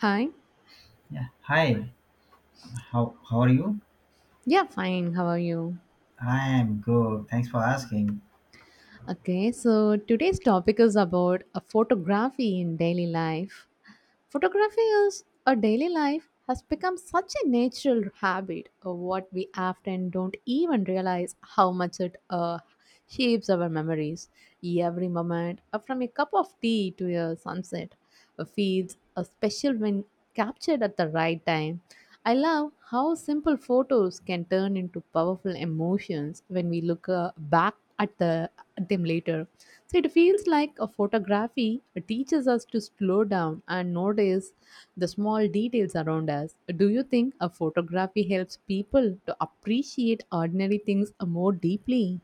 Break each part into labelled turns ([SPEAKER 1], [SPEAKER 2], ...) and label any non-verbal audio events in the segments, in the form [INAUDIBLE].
[SPEAKER 1] Hi.
[SPEAKER 2] Yeah. Hi. How are you?
[SPEAKER 1] Yeah, fine. How are you?
[SPEAKER 2] I am good. Thanks for asking.
[SPEAKER 1] Okay, so today's topic is about a photography in daily life. Photography is a daily life has become such a natural habit of what we often don't even realize how much it shapes our memories. Every moment, from a cup of tea to a sunset, feels a special when captured at the right time. I love how simple photos can turn into powerful emotions when we look back at them later. So it feels like a photography teaches us to slow down and notice the small details around us. Do you think a photography helps people to appreciate ordinary things more deeply?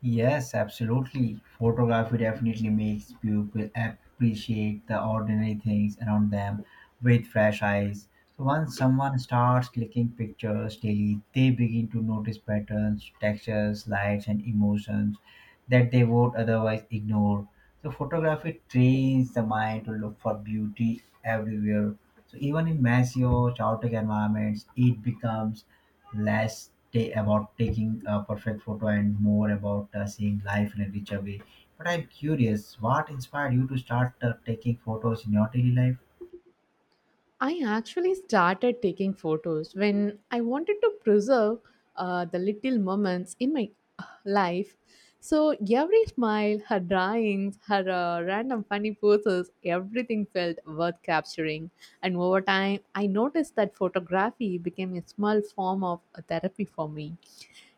[SPEAKER 2] Yes, absolutely. Photography definitely makes people appreciate the ordinary things around them with fresh eyes. So once someone starts clicking pictures daily, they begin to notice patterns, textures, lights, and emotions that they would otherwise ignore. So photography trains the mind to look for beauty everywhere. So even in messy or chaotic environments, it becomes about taking a perfect photo and more about seeing life in a richer way. But I'm curious, what inspired you to start taking photos in your daily life?
[SPEAKER 1] I actually started taking photos when I wanted to preserve the little moments in my life. So every smile, her drawings, her random funny poses, everything felt worth capturing. And over time, I noticed that photography became a small form of a therapy for me.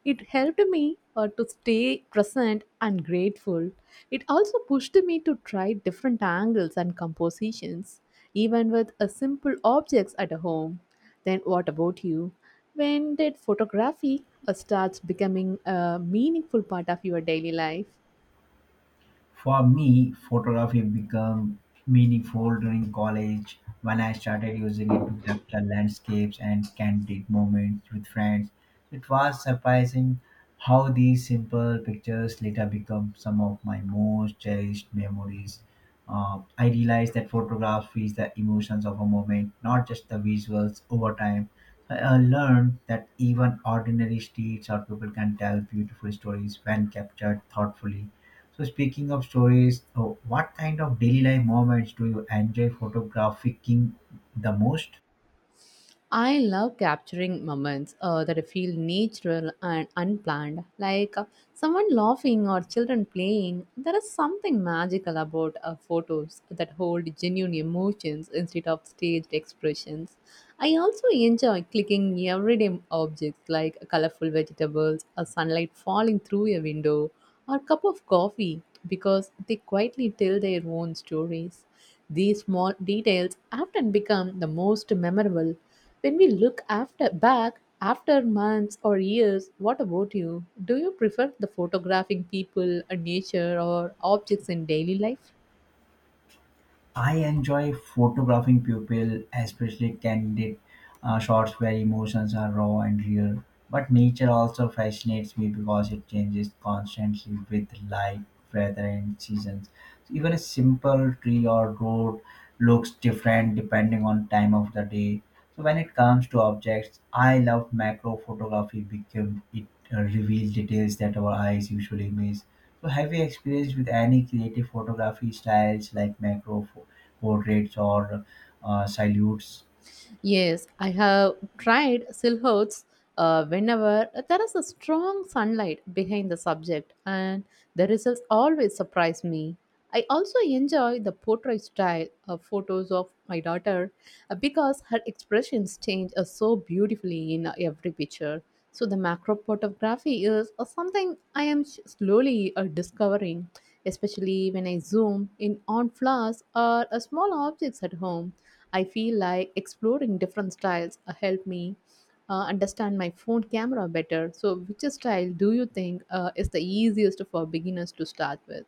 [SPEAKER 1] It helped me to stay present and grateful. It also pushed me to try different angles and compositions, even with a simple objects at home. Then what about you? When did photography starts becoming a meaningful part of your daily life?
[SPEAKER 2] For me, photography became meaningful during college when I started using it to capture landscapes and candid moments with friends. It was surprising how these simple pictures later become some of my most cherished memories. I realized that photography is the emotions of a moment, not just the visuals over time. I learned that even ordinary streets or people can tell beautiful stories when captured thoughtfully. So speaking of stories, oh, what kind of daily life moments do you enjoy photographing the most?
[SPEAKER 1] I love capturing moments that feel natural and unplanned, like someone laughing or children playing. There is something magical about photos that hold genuine emotions instead of staged expressions. I also enjoy clicking everyday objects like colorful vegetables, a sunlight falling through a window, or a cup of coffee because they quietly tell their own stories. These small details often become the most memorable when we look after back after months or years, what about you? Do you prefer the photographing people and nature or objects in daily life?
[SPEAKER 2] I enjoy photographing people, especially candid shots where emotions are raw and real. But nature also fascinates me because it changes constantly with light, weather, and seasons. So even a simple tree or road looks different depending on time of the day. So when it comes to objects, I love macro photography because it reveals details that our eyes usually miss. So have you experienced with any creative photography styles like portraits or silhouettes?
[SPEAKER 1] Yes, I have tried silhouettes whenever there is a strong sunlight behind the subject, and the results always surprise me. I also enjoy the portrait style of photos of my daughter because her expressions change so beautifully in every picture. So, the macro photography is something I am slowly discovering, especially when I zoom in on flowers or small objects at home. I feel like exploring different styles help me understand my phone camera better. So, which style do you think is the easiest for beginners to start with?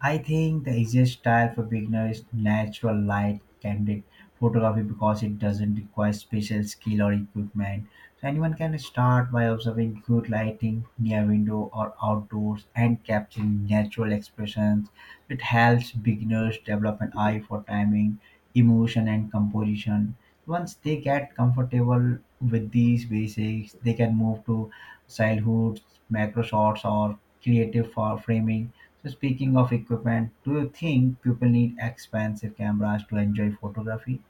[SPEAKER 2] I think the easiest style for beginners is natural light candid photography because it doesn't require special skill or equipment. So anyone can start by observing good lighting near window or outdoors and capturing natural expressions. It helps beginners develop an eye for timing, emotion and composition. Once they get comfortable with these basics, they can move to childhoods, macro shots or creative for framing. So speaking of equipment, do you think people need expensive cameras to enjoy photography?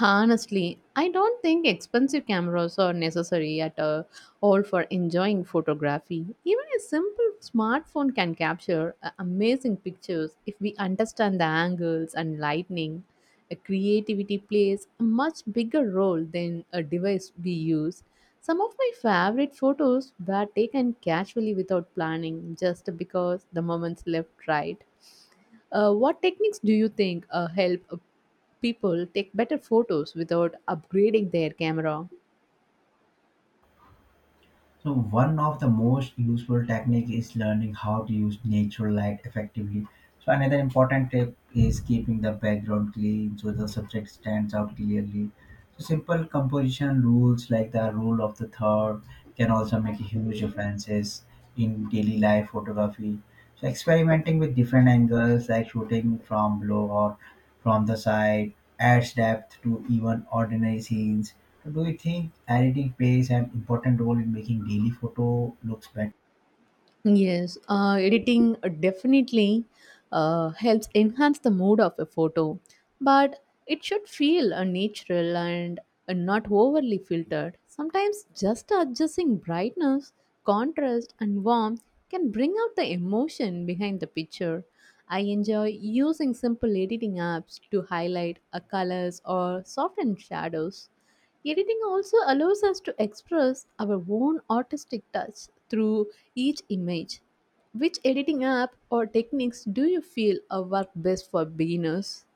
[SPEAKER 1] Honestly, I don't think expensive cameras are necessary at all for enjoying photography. Even a simple smartphone can capture amazing pictures if we understand the angles and lighting. Creativity plays a much bigger role than a device we use. Some of my favorite photos were taken casually without planning, just because the moments left right. What techniques do you think help people take better photos without upgrading their camera?
[SPEAKER 2] So one of the most useful technique is learning how to use natural light effectively. So another important tip is keeping the background clean so the subject stands out clearly. So simple composition rules like the rule of the third can also make huge differences in daily life photography. So experimenting with different angles, like shooting from below or from the side, adds depth to even ordinary scenes. So do you think editing plays an important role in making daily photo looks better?
[SPEAKER 1] Yes, editing definitely helps enhance the mood of a photo, but it should feel natural and not overly filtered. Sometimes just adjusting brightness, contrast, and warmth can bring out the emotion behind the picture. I enjoy using simple editing apps to highlight colors or soften shadows. Editing also allows us to express our own artistic touch through each image. Which editing app or techniques do you feel work best for beginners?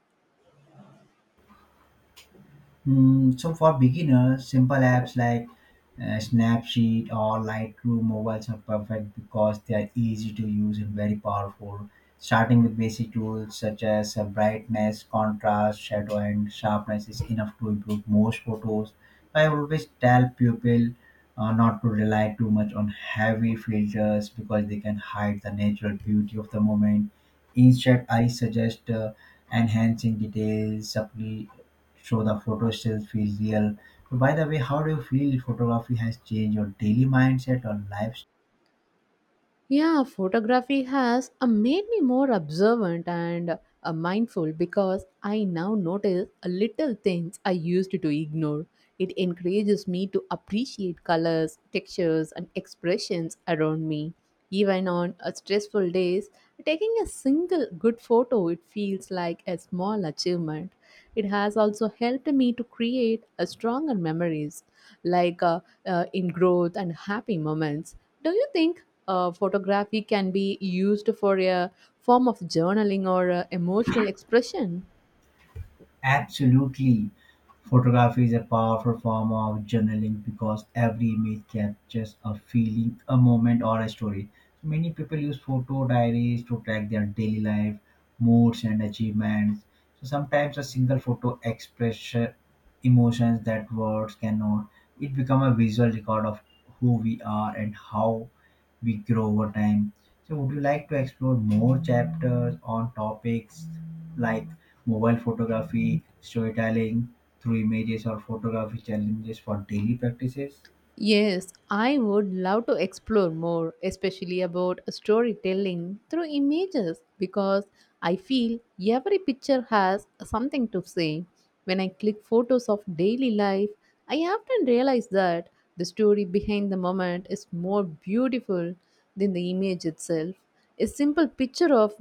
[SPEAKER 2] So for beginners, simple apps like Snapseed or Lightroom mobiles are perfect because they are easy to use and very powerful. Starting with basic tools such as brightness, contrast, shadow, and sharpness is enough to improve most photos. I always tell people not to rely too much on heavy filters because they can hide the natural beauty of the moment. Instead, I suggest enhancing so the photo still feels real. So by the way, how do you feel photography has changed your daily mindset or lives?
[SPEAKER 1] Yeah, photography has made me more observant and mindful because I now notice little things I used to ignore. It encourages me to appreciate colors, textures, and expressions around me. Even on stressful days, taking a single good photo it feels like a small achievement. It has also helped me to create a stronger memories like in growth and happy moments. Do you think photography can be used for a form of journaling or emotional expression?
[SPEAKER 2] Absolutely. Photography is a powerful form of journaling because every image captures a feeling, a moment, or a story. So many people use photo diaries to track their daily life, moods, and achievements. So sometimes a single photo expresses emotions that words cannot. It becomes a visual record of who we are and how we grow over time. So, would you like to explore more chapters on topics like mobile photography, storytelling through images, or photography challenges for daily practices?
[SPEAKER 1] Yes, I would love to explore more, especially about storytelling through images, because I feel every picture has something to say. When I click photos of daily life, I often realize that the story behind the moment is more beautiful than the image itself. A simple picture of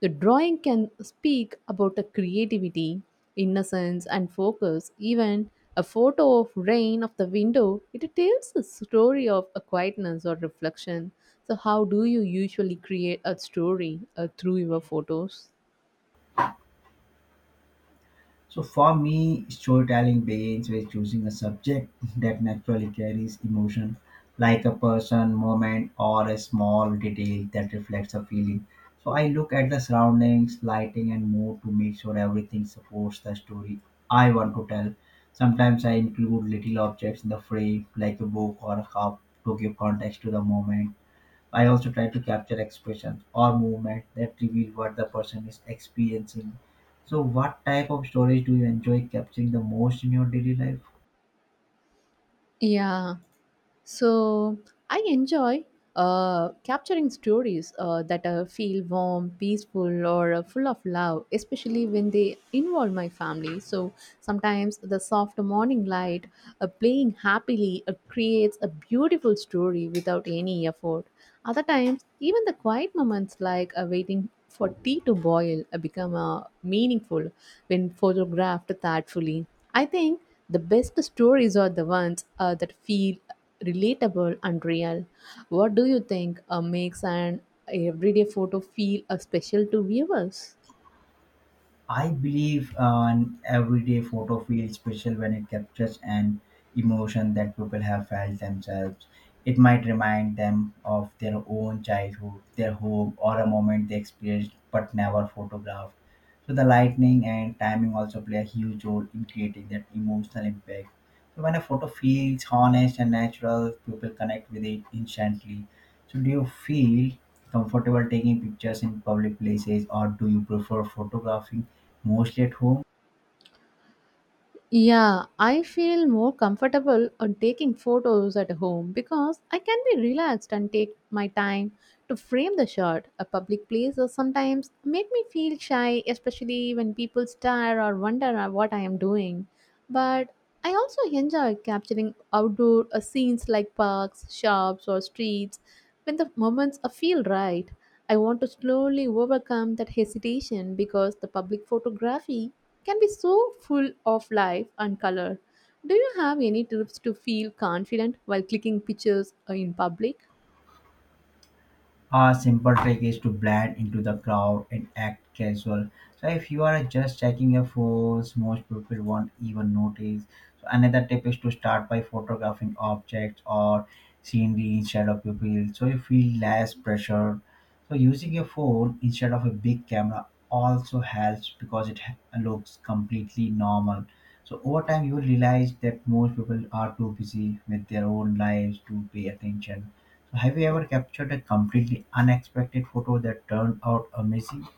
[SPEAKER 1] the drawing can speak about a creativity, innocence, and focus. Even a photo of rain of the window, it tells a story of a quietness or reflection. So, how do you usually create a story through your photos?
[SPEAKER 2] So for me, storytelling begins with choosing a subject [LAUGHS] that naturally carries emotion, like a person, moment, or a small detail that reflects a feeling. So I look at the surroundings, lighting, and mood to make sure everything supports the story I want to tell. Sometimes I include little objects in the frame, like a book or a cup, to give context to the moment. I also try to capture expressions or movement that reveal what the person is experiencing. So, what type of stories do you enjoy capturing the most in your daily life?
[SPEAKER 1] Yeah. So I enjoy capturing stories that feel warm, peaceful, or full of love, especially when they involve my family. So sometimes the soft morning light playing happily creates a beautiful story without any effort. Other times, even the quiet moments like waiting for tea to boil become meaningful when photographed thoughtfully. I think the best stories are the ones that feel relatable and real. What do you think makes an everyday photo feel special to viewers?
[SPEAKER 2] I believe an everyday photo feels special when it captures an emotion that people have felt themselves. It might remind them of their own childhood, their home, or a moment they experienced but never photographed. So the lightning and timing also play a huge role in creating that emotional impact. So when a photo feels honest and natural, people connect with it instantly. So do you feel comfortable taking pictures in public places, or do you prefer photographing mostly at home?
[SPEAKER 1] Yeah, I feel more comfortable on taking photos at home because I can be relaxed and take my time to frame the shot. A public place or sometimes make me feel shy, especially when people stare or wonder at what I am doing. But I also enjoy capturing outdoor scenes like parks, shops, or streets. When the moments feel right, I want to slowly overcome that hesitation because the public photography can be so full of life and color. Do you have any tips to feel confident while clicking pictures in public?
[SPEAKER 2] A simple trick is to blend into the crowd and act casual. So if you are just checking your phones, most people won't even notice. So another tip is to start by photographing objects or scenery instead of people. So you feel less pressured. So using your phone instead of a big camera also helps because it looks completely normal. So over time you will realize that most people are too busy with their own lives to pay attention. Have you ever captured a completely unexpected photo that turned out amazing?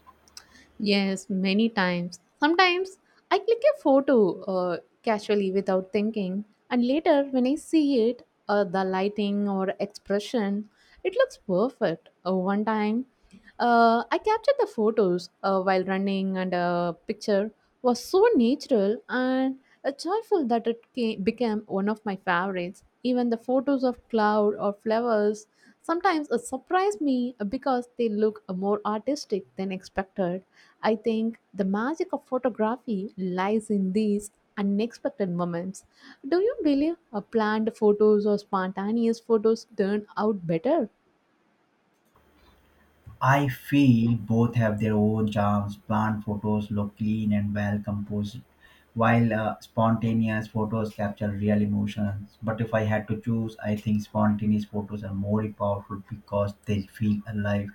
[SPEAKER 1] Yes, many times. Sometimes I click a photo casually without thinking, and later when I see it, the lighting or expression, it looks perfect. One time I captured the photos while running, and a picture was so natural and joyful that became one of my favorites. Even the photos of cloud or flowers sometimes surprise me because they look more artistic than expected. I think the magic of photography lies in these unexpected moments. Do you believe planned photos or spontaneous photos turn out better?
[SPEAKER 2] I feel both have their own charms. Plant photos look clean and well composed, while spontaneous photos capture real emotions. But if I had to choose, I think spontaneous photos are more powerful because they feel alive.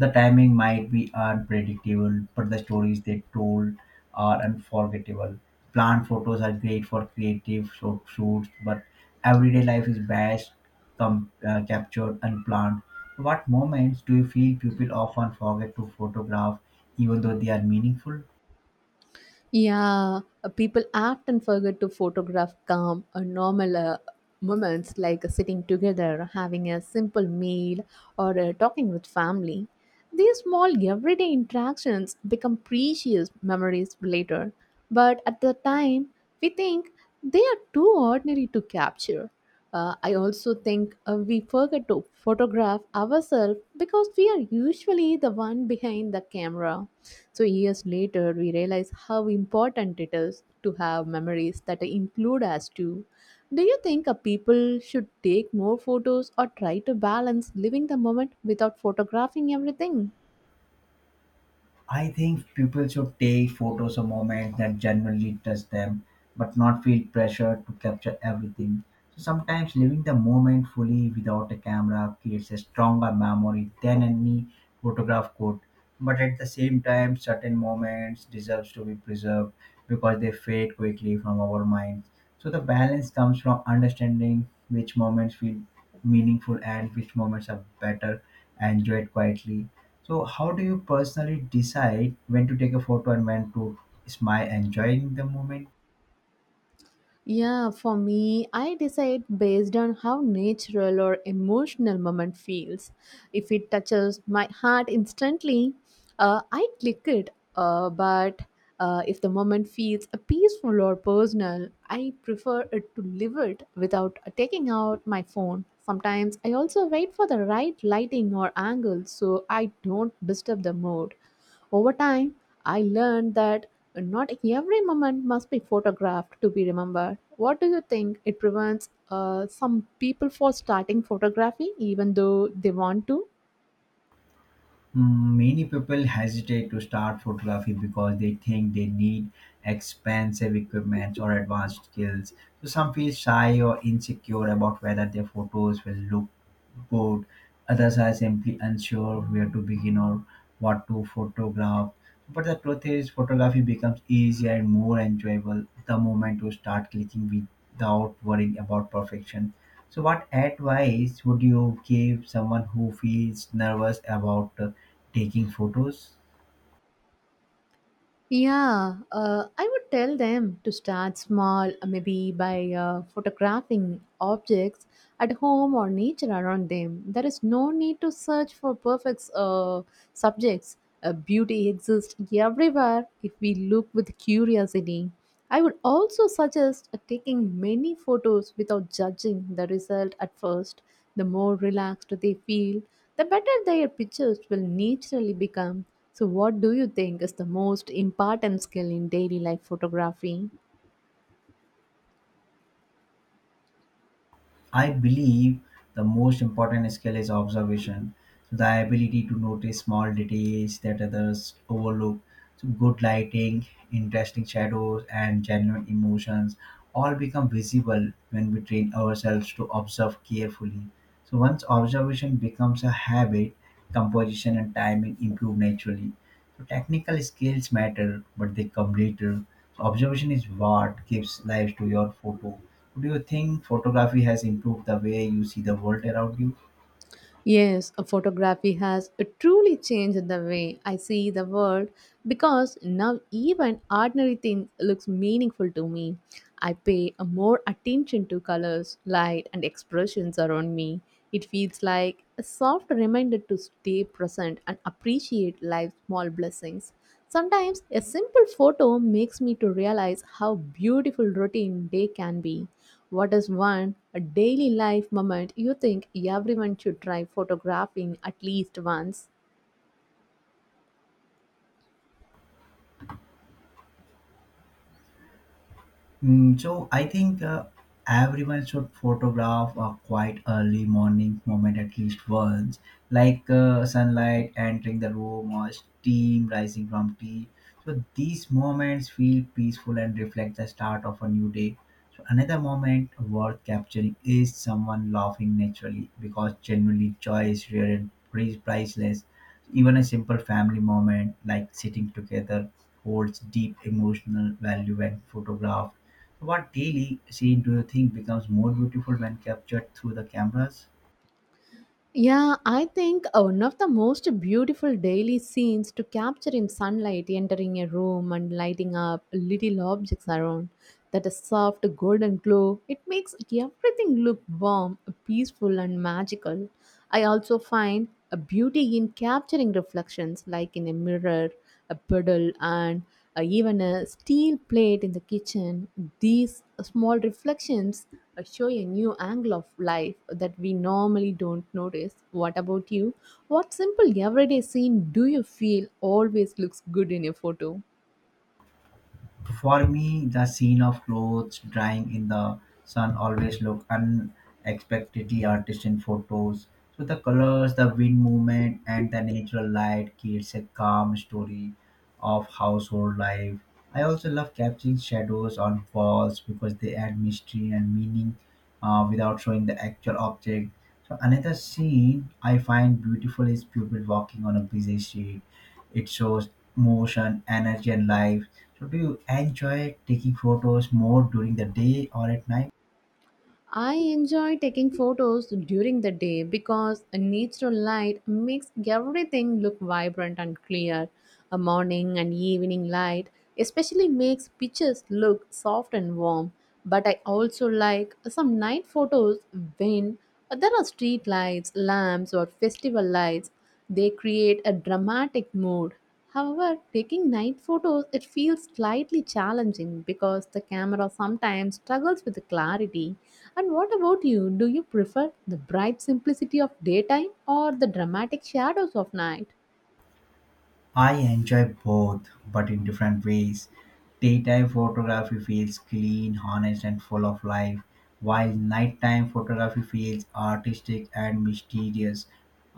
[SPEAKER 2] The timing might be unpredictable, but the stories they told are unforgettable. Plant photos are great for creative shoots, but everyday life is best captured unplanned. What moments do you feel people often forget to photograph, even though they are meaningful?
[SPEAKER 1] Yeah, people often forget to photograph calm or normal moments like sitting together, having a simple meal, or talking with family. These small everyday interactions become precious memories later, but at the time, we think they are too ordinary to capture. I also think we forget to photograph ourselves because we are usually the one behind the camera. So, years later, we realize how important it is to have memories that include us too. Do you think a people should take more photos or try to balance living the moment without photographing everything?
[SPEAKER 2] I think people should take photos of moments that genuinely touch them, but not feel pressure to capture everything. So sometimes living the moment fully without a camera creates a stronger memory than any photograph could. But at the same time, certain moments deserves to be preserved because they fade quickly from our minds. So the balance comes from understanding which moments feel meaningful and which moments are better enjoyed quietly. So, how do you personally decide when to take a photo and when to smile, enjoying the moment?
[SPEAKER 1] Yeah, for me, I decide based on how natural or emotional moment feels. If it touches my heart instantly, I click it. But if the moment feels peaceful or personal, I prefer it to leave it without taking out my phone. Sometimes I also wait for the right lighting or angle so I don't disturb the mood. Over time, I learned that not every moment must be photographed to be remembered. What do you think? It prevents some people from starting photography even though they want to?
[SPEAKER 2] Many people hesitate to start photography because they think they need expensive equipment or advanced skills. So, some feel shy or insecure about whether their photos will look bored, others are simply unsure where to begin or what to photograph. But the truth is, photography becomes easier and more enjoyable the moment you start clicking without worrying about perfection. So, what advice would you give someone who feels nervous about taking photos?
[SPEAKER 1] Yeah, I would tell them to start small, maybe by photographing objects at home or nature around them. There is no need to search for perfect subjects. Beauty exists everywhere if we look with curiosity. I would also suggest taking many photos without judging the result at first. The more relaxed they feel, the better their pictures will naturally become. So, what do you think is the most important skill in daily life photography?
[SPEAKER 2] I believe the most important skill is observation. So the ability to notice small details that others overlook. So good lighting, interesting shadows, and genuine emotions all become visible when we train ourselves to observe carefully. So once observation becomes a habit, composition and timing improve naturally. So technical skills matter, but they come later. So observation is what gives life to your photo. Do you think photography has improved the way you see the world around you?
[SPEAKER 1] Yes, a photography has truly changed the way I see the world because now even ordinary things looks meaningful to me. I pay a more attention to colors, light and expressions around me. It feels like a soft reminder to stay present and appreciate life's small blessings. Sometimes a simple photo makes me to realize how beautiful routine day can be. What is one a daily life moment you think everyone should try photographing at least once?
[SPEAKER 2] So I think everyone should photograph a quite early morning moment at least once, like sunlight entering the room or steam rising from tea. So these moments feel peaceful and reflect the start of a new day. So another moment worth capturing is someone laughing naturally because genuinely joy is rare and priceless. Even a simple family moment like sitting together holds deep emotional value when photographed. What daily scene do you think becomes more beautiful when captured through the cameras?
[SPEAKER 1] Yeah, I think one of the most beautiful daily scenes to capture in sunlight entering a room and lighting up little objects around that a soft golden glow. It makes everything look warm, peaceful, and magical. I also find a beauty in capturing reflections like in a mirror, a puddle, and even a steel plate in the kitchen, these small reflections show a new angle of life that we normally don't notice. What about you? What simple everyday scene do you feel always looks good in a photo?
[SPEAKER 2] For me, the scene of clothes drying in the sun always look unexpectedly artist in photos. So the colors, the wind movement, and the natural light creates a calm story of household life. I also love capturing shadows on walls because they add mystery and meaning without showing the actual object. So another scene I find beautiful is people walking on a busy street. It shows motion, energy, and life. So, do you enjoy taking photos more during the day or at night?
[SPEAKER 1] I enjoy taking photos during the day because natural light makes everything look vibrant and clear. A morning and evening light especially makes pictures look soft and warm. But I also like some night photos when there are street lights, lamps, or festival lights. They create a dramatic mood. However, taking night photos, it feels slightly challenging because the camera sometimes struggles with the clarity. And what about you? Do you prefer the bright simplicity of daytime or the dramatic shadows of night?
[SPEAKER 2] I enjoy both, but in different ways. Daytime photography feels clean, honest, and full of life, while nighttime photography feels artistic and mysterious.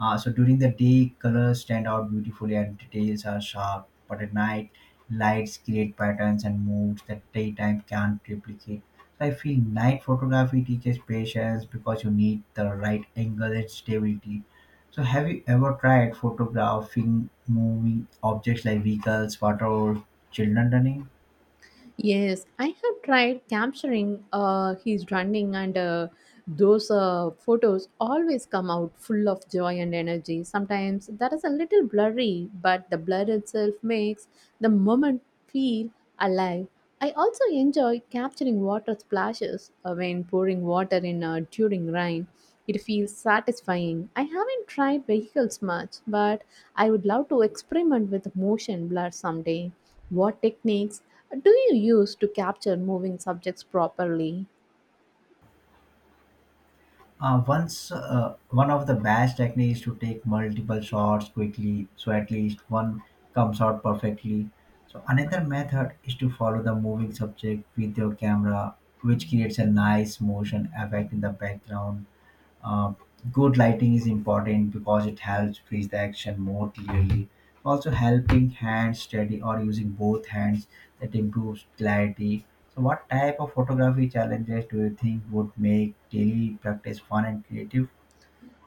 [SPEAKER 2] So during the day, colors stand out beautifully and details are sharp, but at night, lights create patterns and moods that daytime can't replicate. So I feel night photography teaches patience because you need the right angle and stability. So, have you ever tried photographing moving objects like vehicles, water, or children running?
[SPEAKER 1] Yes, I have tried capturing his running, and those photos always come out full of joy and energy. Sometimes that is a little blurry, but the blur itself makes the moment feel alive. I also enjoy capturing water splashes when pouring water in during rain. It feels satisfying. I haven't tried vehicles much, but I would love to experiment with motion blur someday. What techniques do you use to capture moving subjects properly?
[SPEAKER 2] One of the best techniques is to take multiple shots quickly, so at least one comes out perfectly. So, another method is to follow the moving subject with your camera, which creates a nice motion effect in the background. Uh, Good lighting is important because it helps freeze the action more clearly. Also, helping hands steady or using both hands that improves clarity. So, what type of photography challenges do you think would make daily practice fun and creative?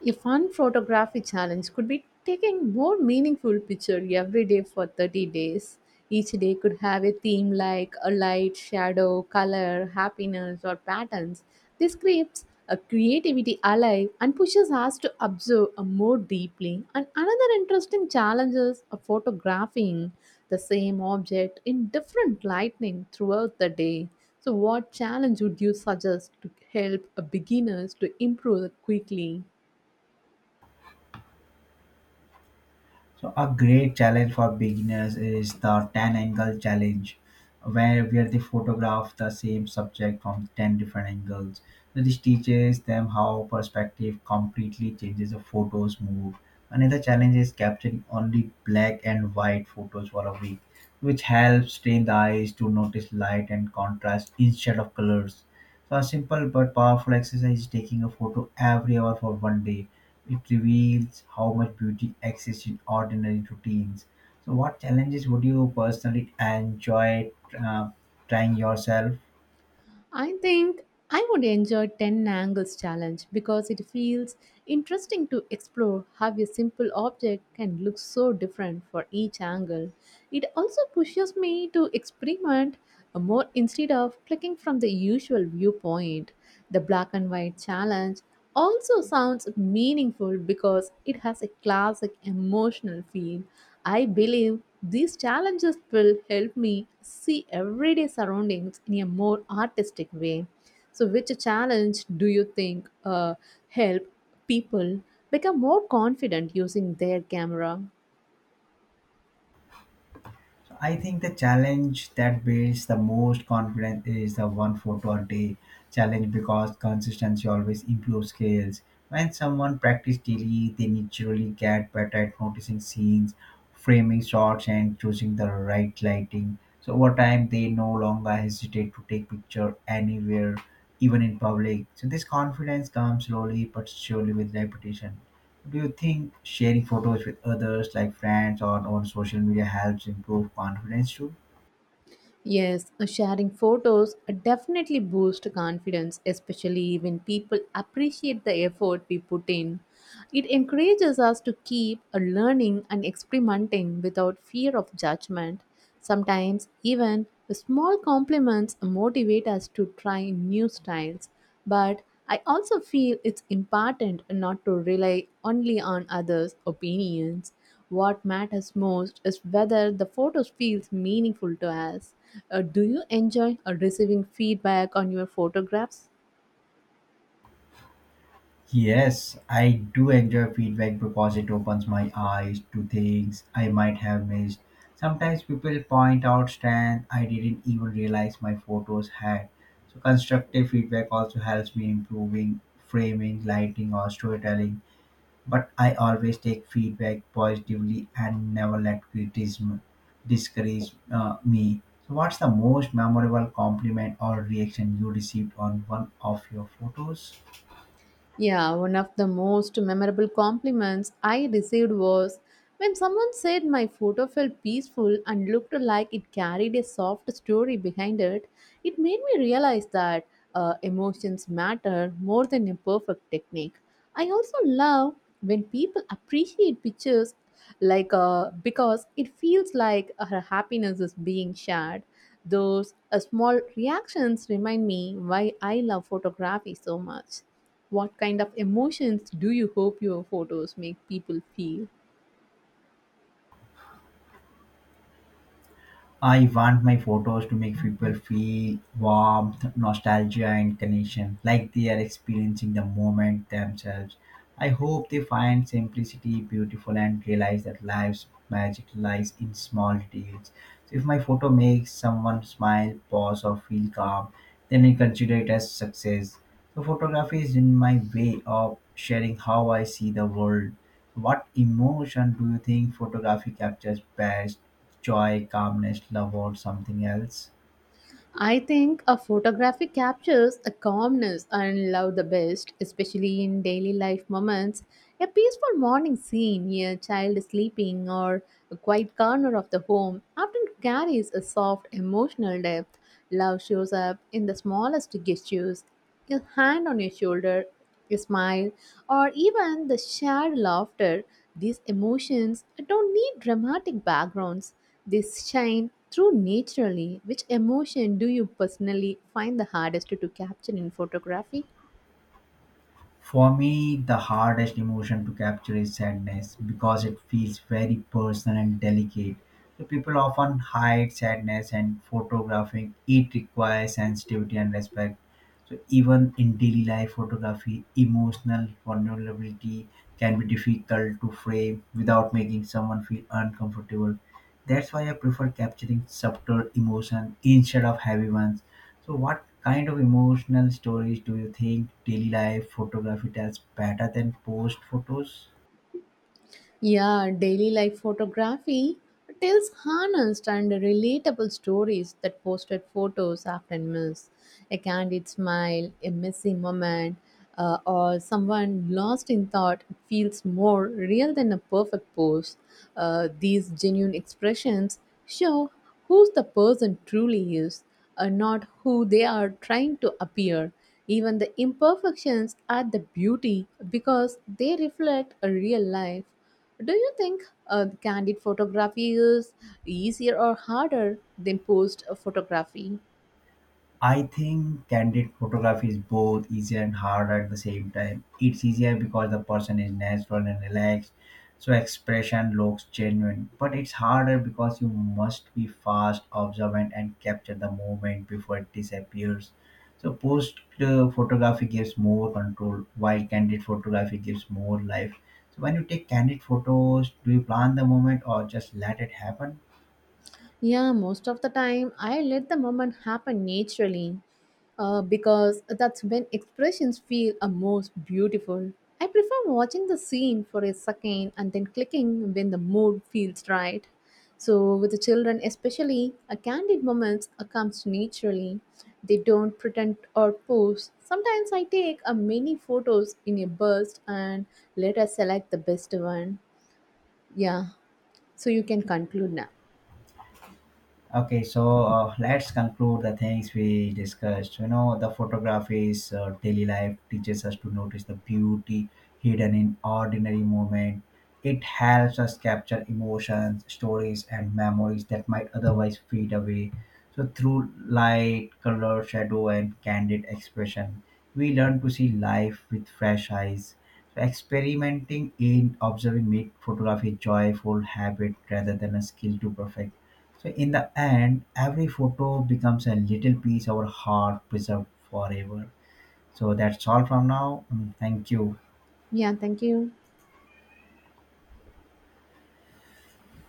[SPEAKER 1] A fun photography challenge could be taking more meaningful picture every day for 30 days. Each day could have a theme like a light, shadow, color, happiness, or patterns. This keeps a creativity alive and pushes us to observe more deeply. And another interesting challenge is photographing the same object in different lighting throughout the day. So, what challenge would you suggest to help beginners to improve quickly?
[SPEAKER 2] So a great challenge for beginners is the 10 angle challenge where they photograph the same subject from 10 different angles. So this teaches them how perspective completely changes the photos move. Another challenge is capturing only black and white photos for a week, which helps train the eyes to notice light and contrast instead of colors. So a simple but powerful exercise is taking a photo every hour for one day. It reveals how much beauty exists in ordinary routines. So what challenges would you personally enjoy uh, trying yourself?
[SPEAKER 1] I think I would enjoy 10 angles challenge because it feels interesting to explore how a simple object can look so different for each angle. It also pushes me to experiment more instead of clicking from the usual viewpoint. The black and white challenge also sounds meaningful because it has a classic emotional feel. I believe these challenges will help me see everyday surroundings in a more artistic way. So, which challenge do you think help people become more confident using their camera?
[SPEAKER 2] So I think the challenge that builds the most confidence is the one photo a day challenge because consistency always improves skills. When someone practices daily, they naturally get better at noticing scenes, framing shots, and choosing the right lighting. So over time, they no longer hesitate to take picture anywhere, even in public. So this confidence comes slowly but surely with repetition. Do you think sharing photos with others, like friends or on social media, helps improve confidence too?
[SPEAKER 1] Yes, sharing photos definitely boosts confidence, especially when people appreciate the effort we put in. It encourages us to keep learning and experimenting without fear of judgment. Sometimes, even small compliments motivate us to try new styles. But I also feel it's important not to rely only on others' opinions. What matters most is whether the photos feels meaningful to us. Do you enjoy receiving feedback on your photographs?
[SPEAKER 2] Yes, I do enjoy feedback because it opens my eyes to things I might have missed. Sometimes people point out strengths I didn't even realize my photos had. So constructive feedback also helps me improving framing, lighting, or storytelling. But I always take feedback positively and never let criticism discourage me. So, what's the most memorable compliment or reaction you received on one of your photos?
[SPEAKER 1] Yeah, one of the most memorable compliments I received was when someone said my photo felt peaceful and looked like it carried a soft story behind it. It made me realize that emotions matter more than a perfect technique. I also love when people appreciate pictures like because it feels like her happiness is being shared. Those small reactions remind me why I love photography so much. What kind of emotions do you hope your photos make people feel?
[SPEAKER 2] I want my photos to make people feel warmth, nostalgia, and connection, like they are experiencing the moment themselves. I hope they find simplicity beautiful and realize that life's magic lies in small details. So if my photo makes someone smile, pause, or feel calm, then I consider it as success. So photography is in my way of sharing how I see the world. What emotion do you think photography captures best? Joy, calmness, love, or something else.
[SPEAKER 1] I think a photography captures a calmness and love the best, especially in daily life moments. A peaceful morning scene, a child sleeping, or a quiet corner of the home often carries a soft emotional depth. Love shows up in the smallest gestures, a hand on your shoulder, a smile, or even the shared laughter. These emotions don't need dramatic backgrounds, they shine through naturally. Which emotion do you personally find the hardest to capture in photography?
[SPEAKER 2] For me, the hardest emotion to capture is sadness because it feels very personal and delicate. So people often hide sadness and photographing it requires sensitivity and respect. So even in daily life photography, emotional vulnerability can be difficult to frame without making someone feel uncomfortable. That's why I prefer capturing subtle emotion instead of heavy ones. So, what kind of emotional stories do you think daily life photography tells better than post photos?
[SPEAKER 1] Yeah, daily life photography tells honest and relatable stories that posted photos often miss. A candid smile, a messy moment, or someone lost in thought feels more real than a perfect pose. These genuine expressions show who the person truly is, not who they are trying to appear. Even the imperfections are the beauty because they reflect a real life. Do you think candid photography is easier or harder than posed photography?
[SPEAKER 2] I think candid photography is both easier and hard at the same time. It's easier because the person is natural and relaxed, so expression looks genuine. But it's harder because you must be fast, observant, and capture the moment before it disappears. So post photography gives more control, while candid photography gives more life. So when you take candid photos, do you plan the moment or just let it happen?
[SPEAKER 1] Yeah, most of the time I let the moment happen naturally because that's when expressions feel a most beautiful. I prefer watching the scene for a second and then clicking when the mood feels right. So, with the children especially, a candid moments comes naturally. They don't pretend or pose. Sometimes I take a many photos in a burst and let us select the best one. Yeah, so you can conclude now.
[SPEAKER 2] Okay, so let's conclude the things we discussed. You know, the photography's daily life teaches us to notice the beauty hidden in ordinary moment. It helps us capture emotions, stories, and memories that might otherwise fade away. So, through light, color, shadow, and candid expression, we learn to see life with fresh eyes. So, experimenting in observing make photography a joyful habit rather than a skill to perfect. So in the end, every photo becomes a little piece of our heart preserved forever. So that's all from now. Mm. Thank you.
[SPEAKER 1] Yeah, thank you.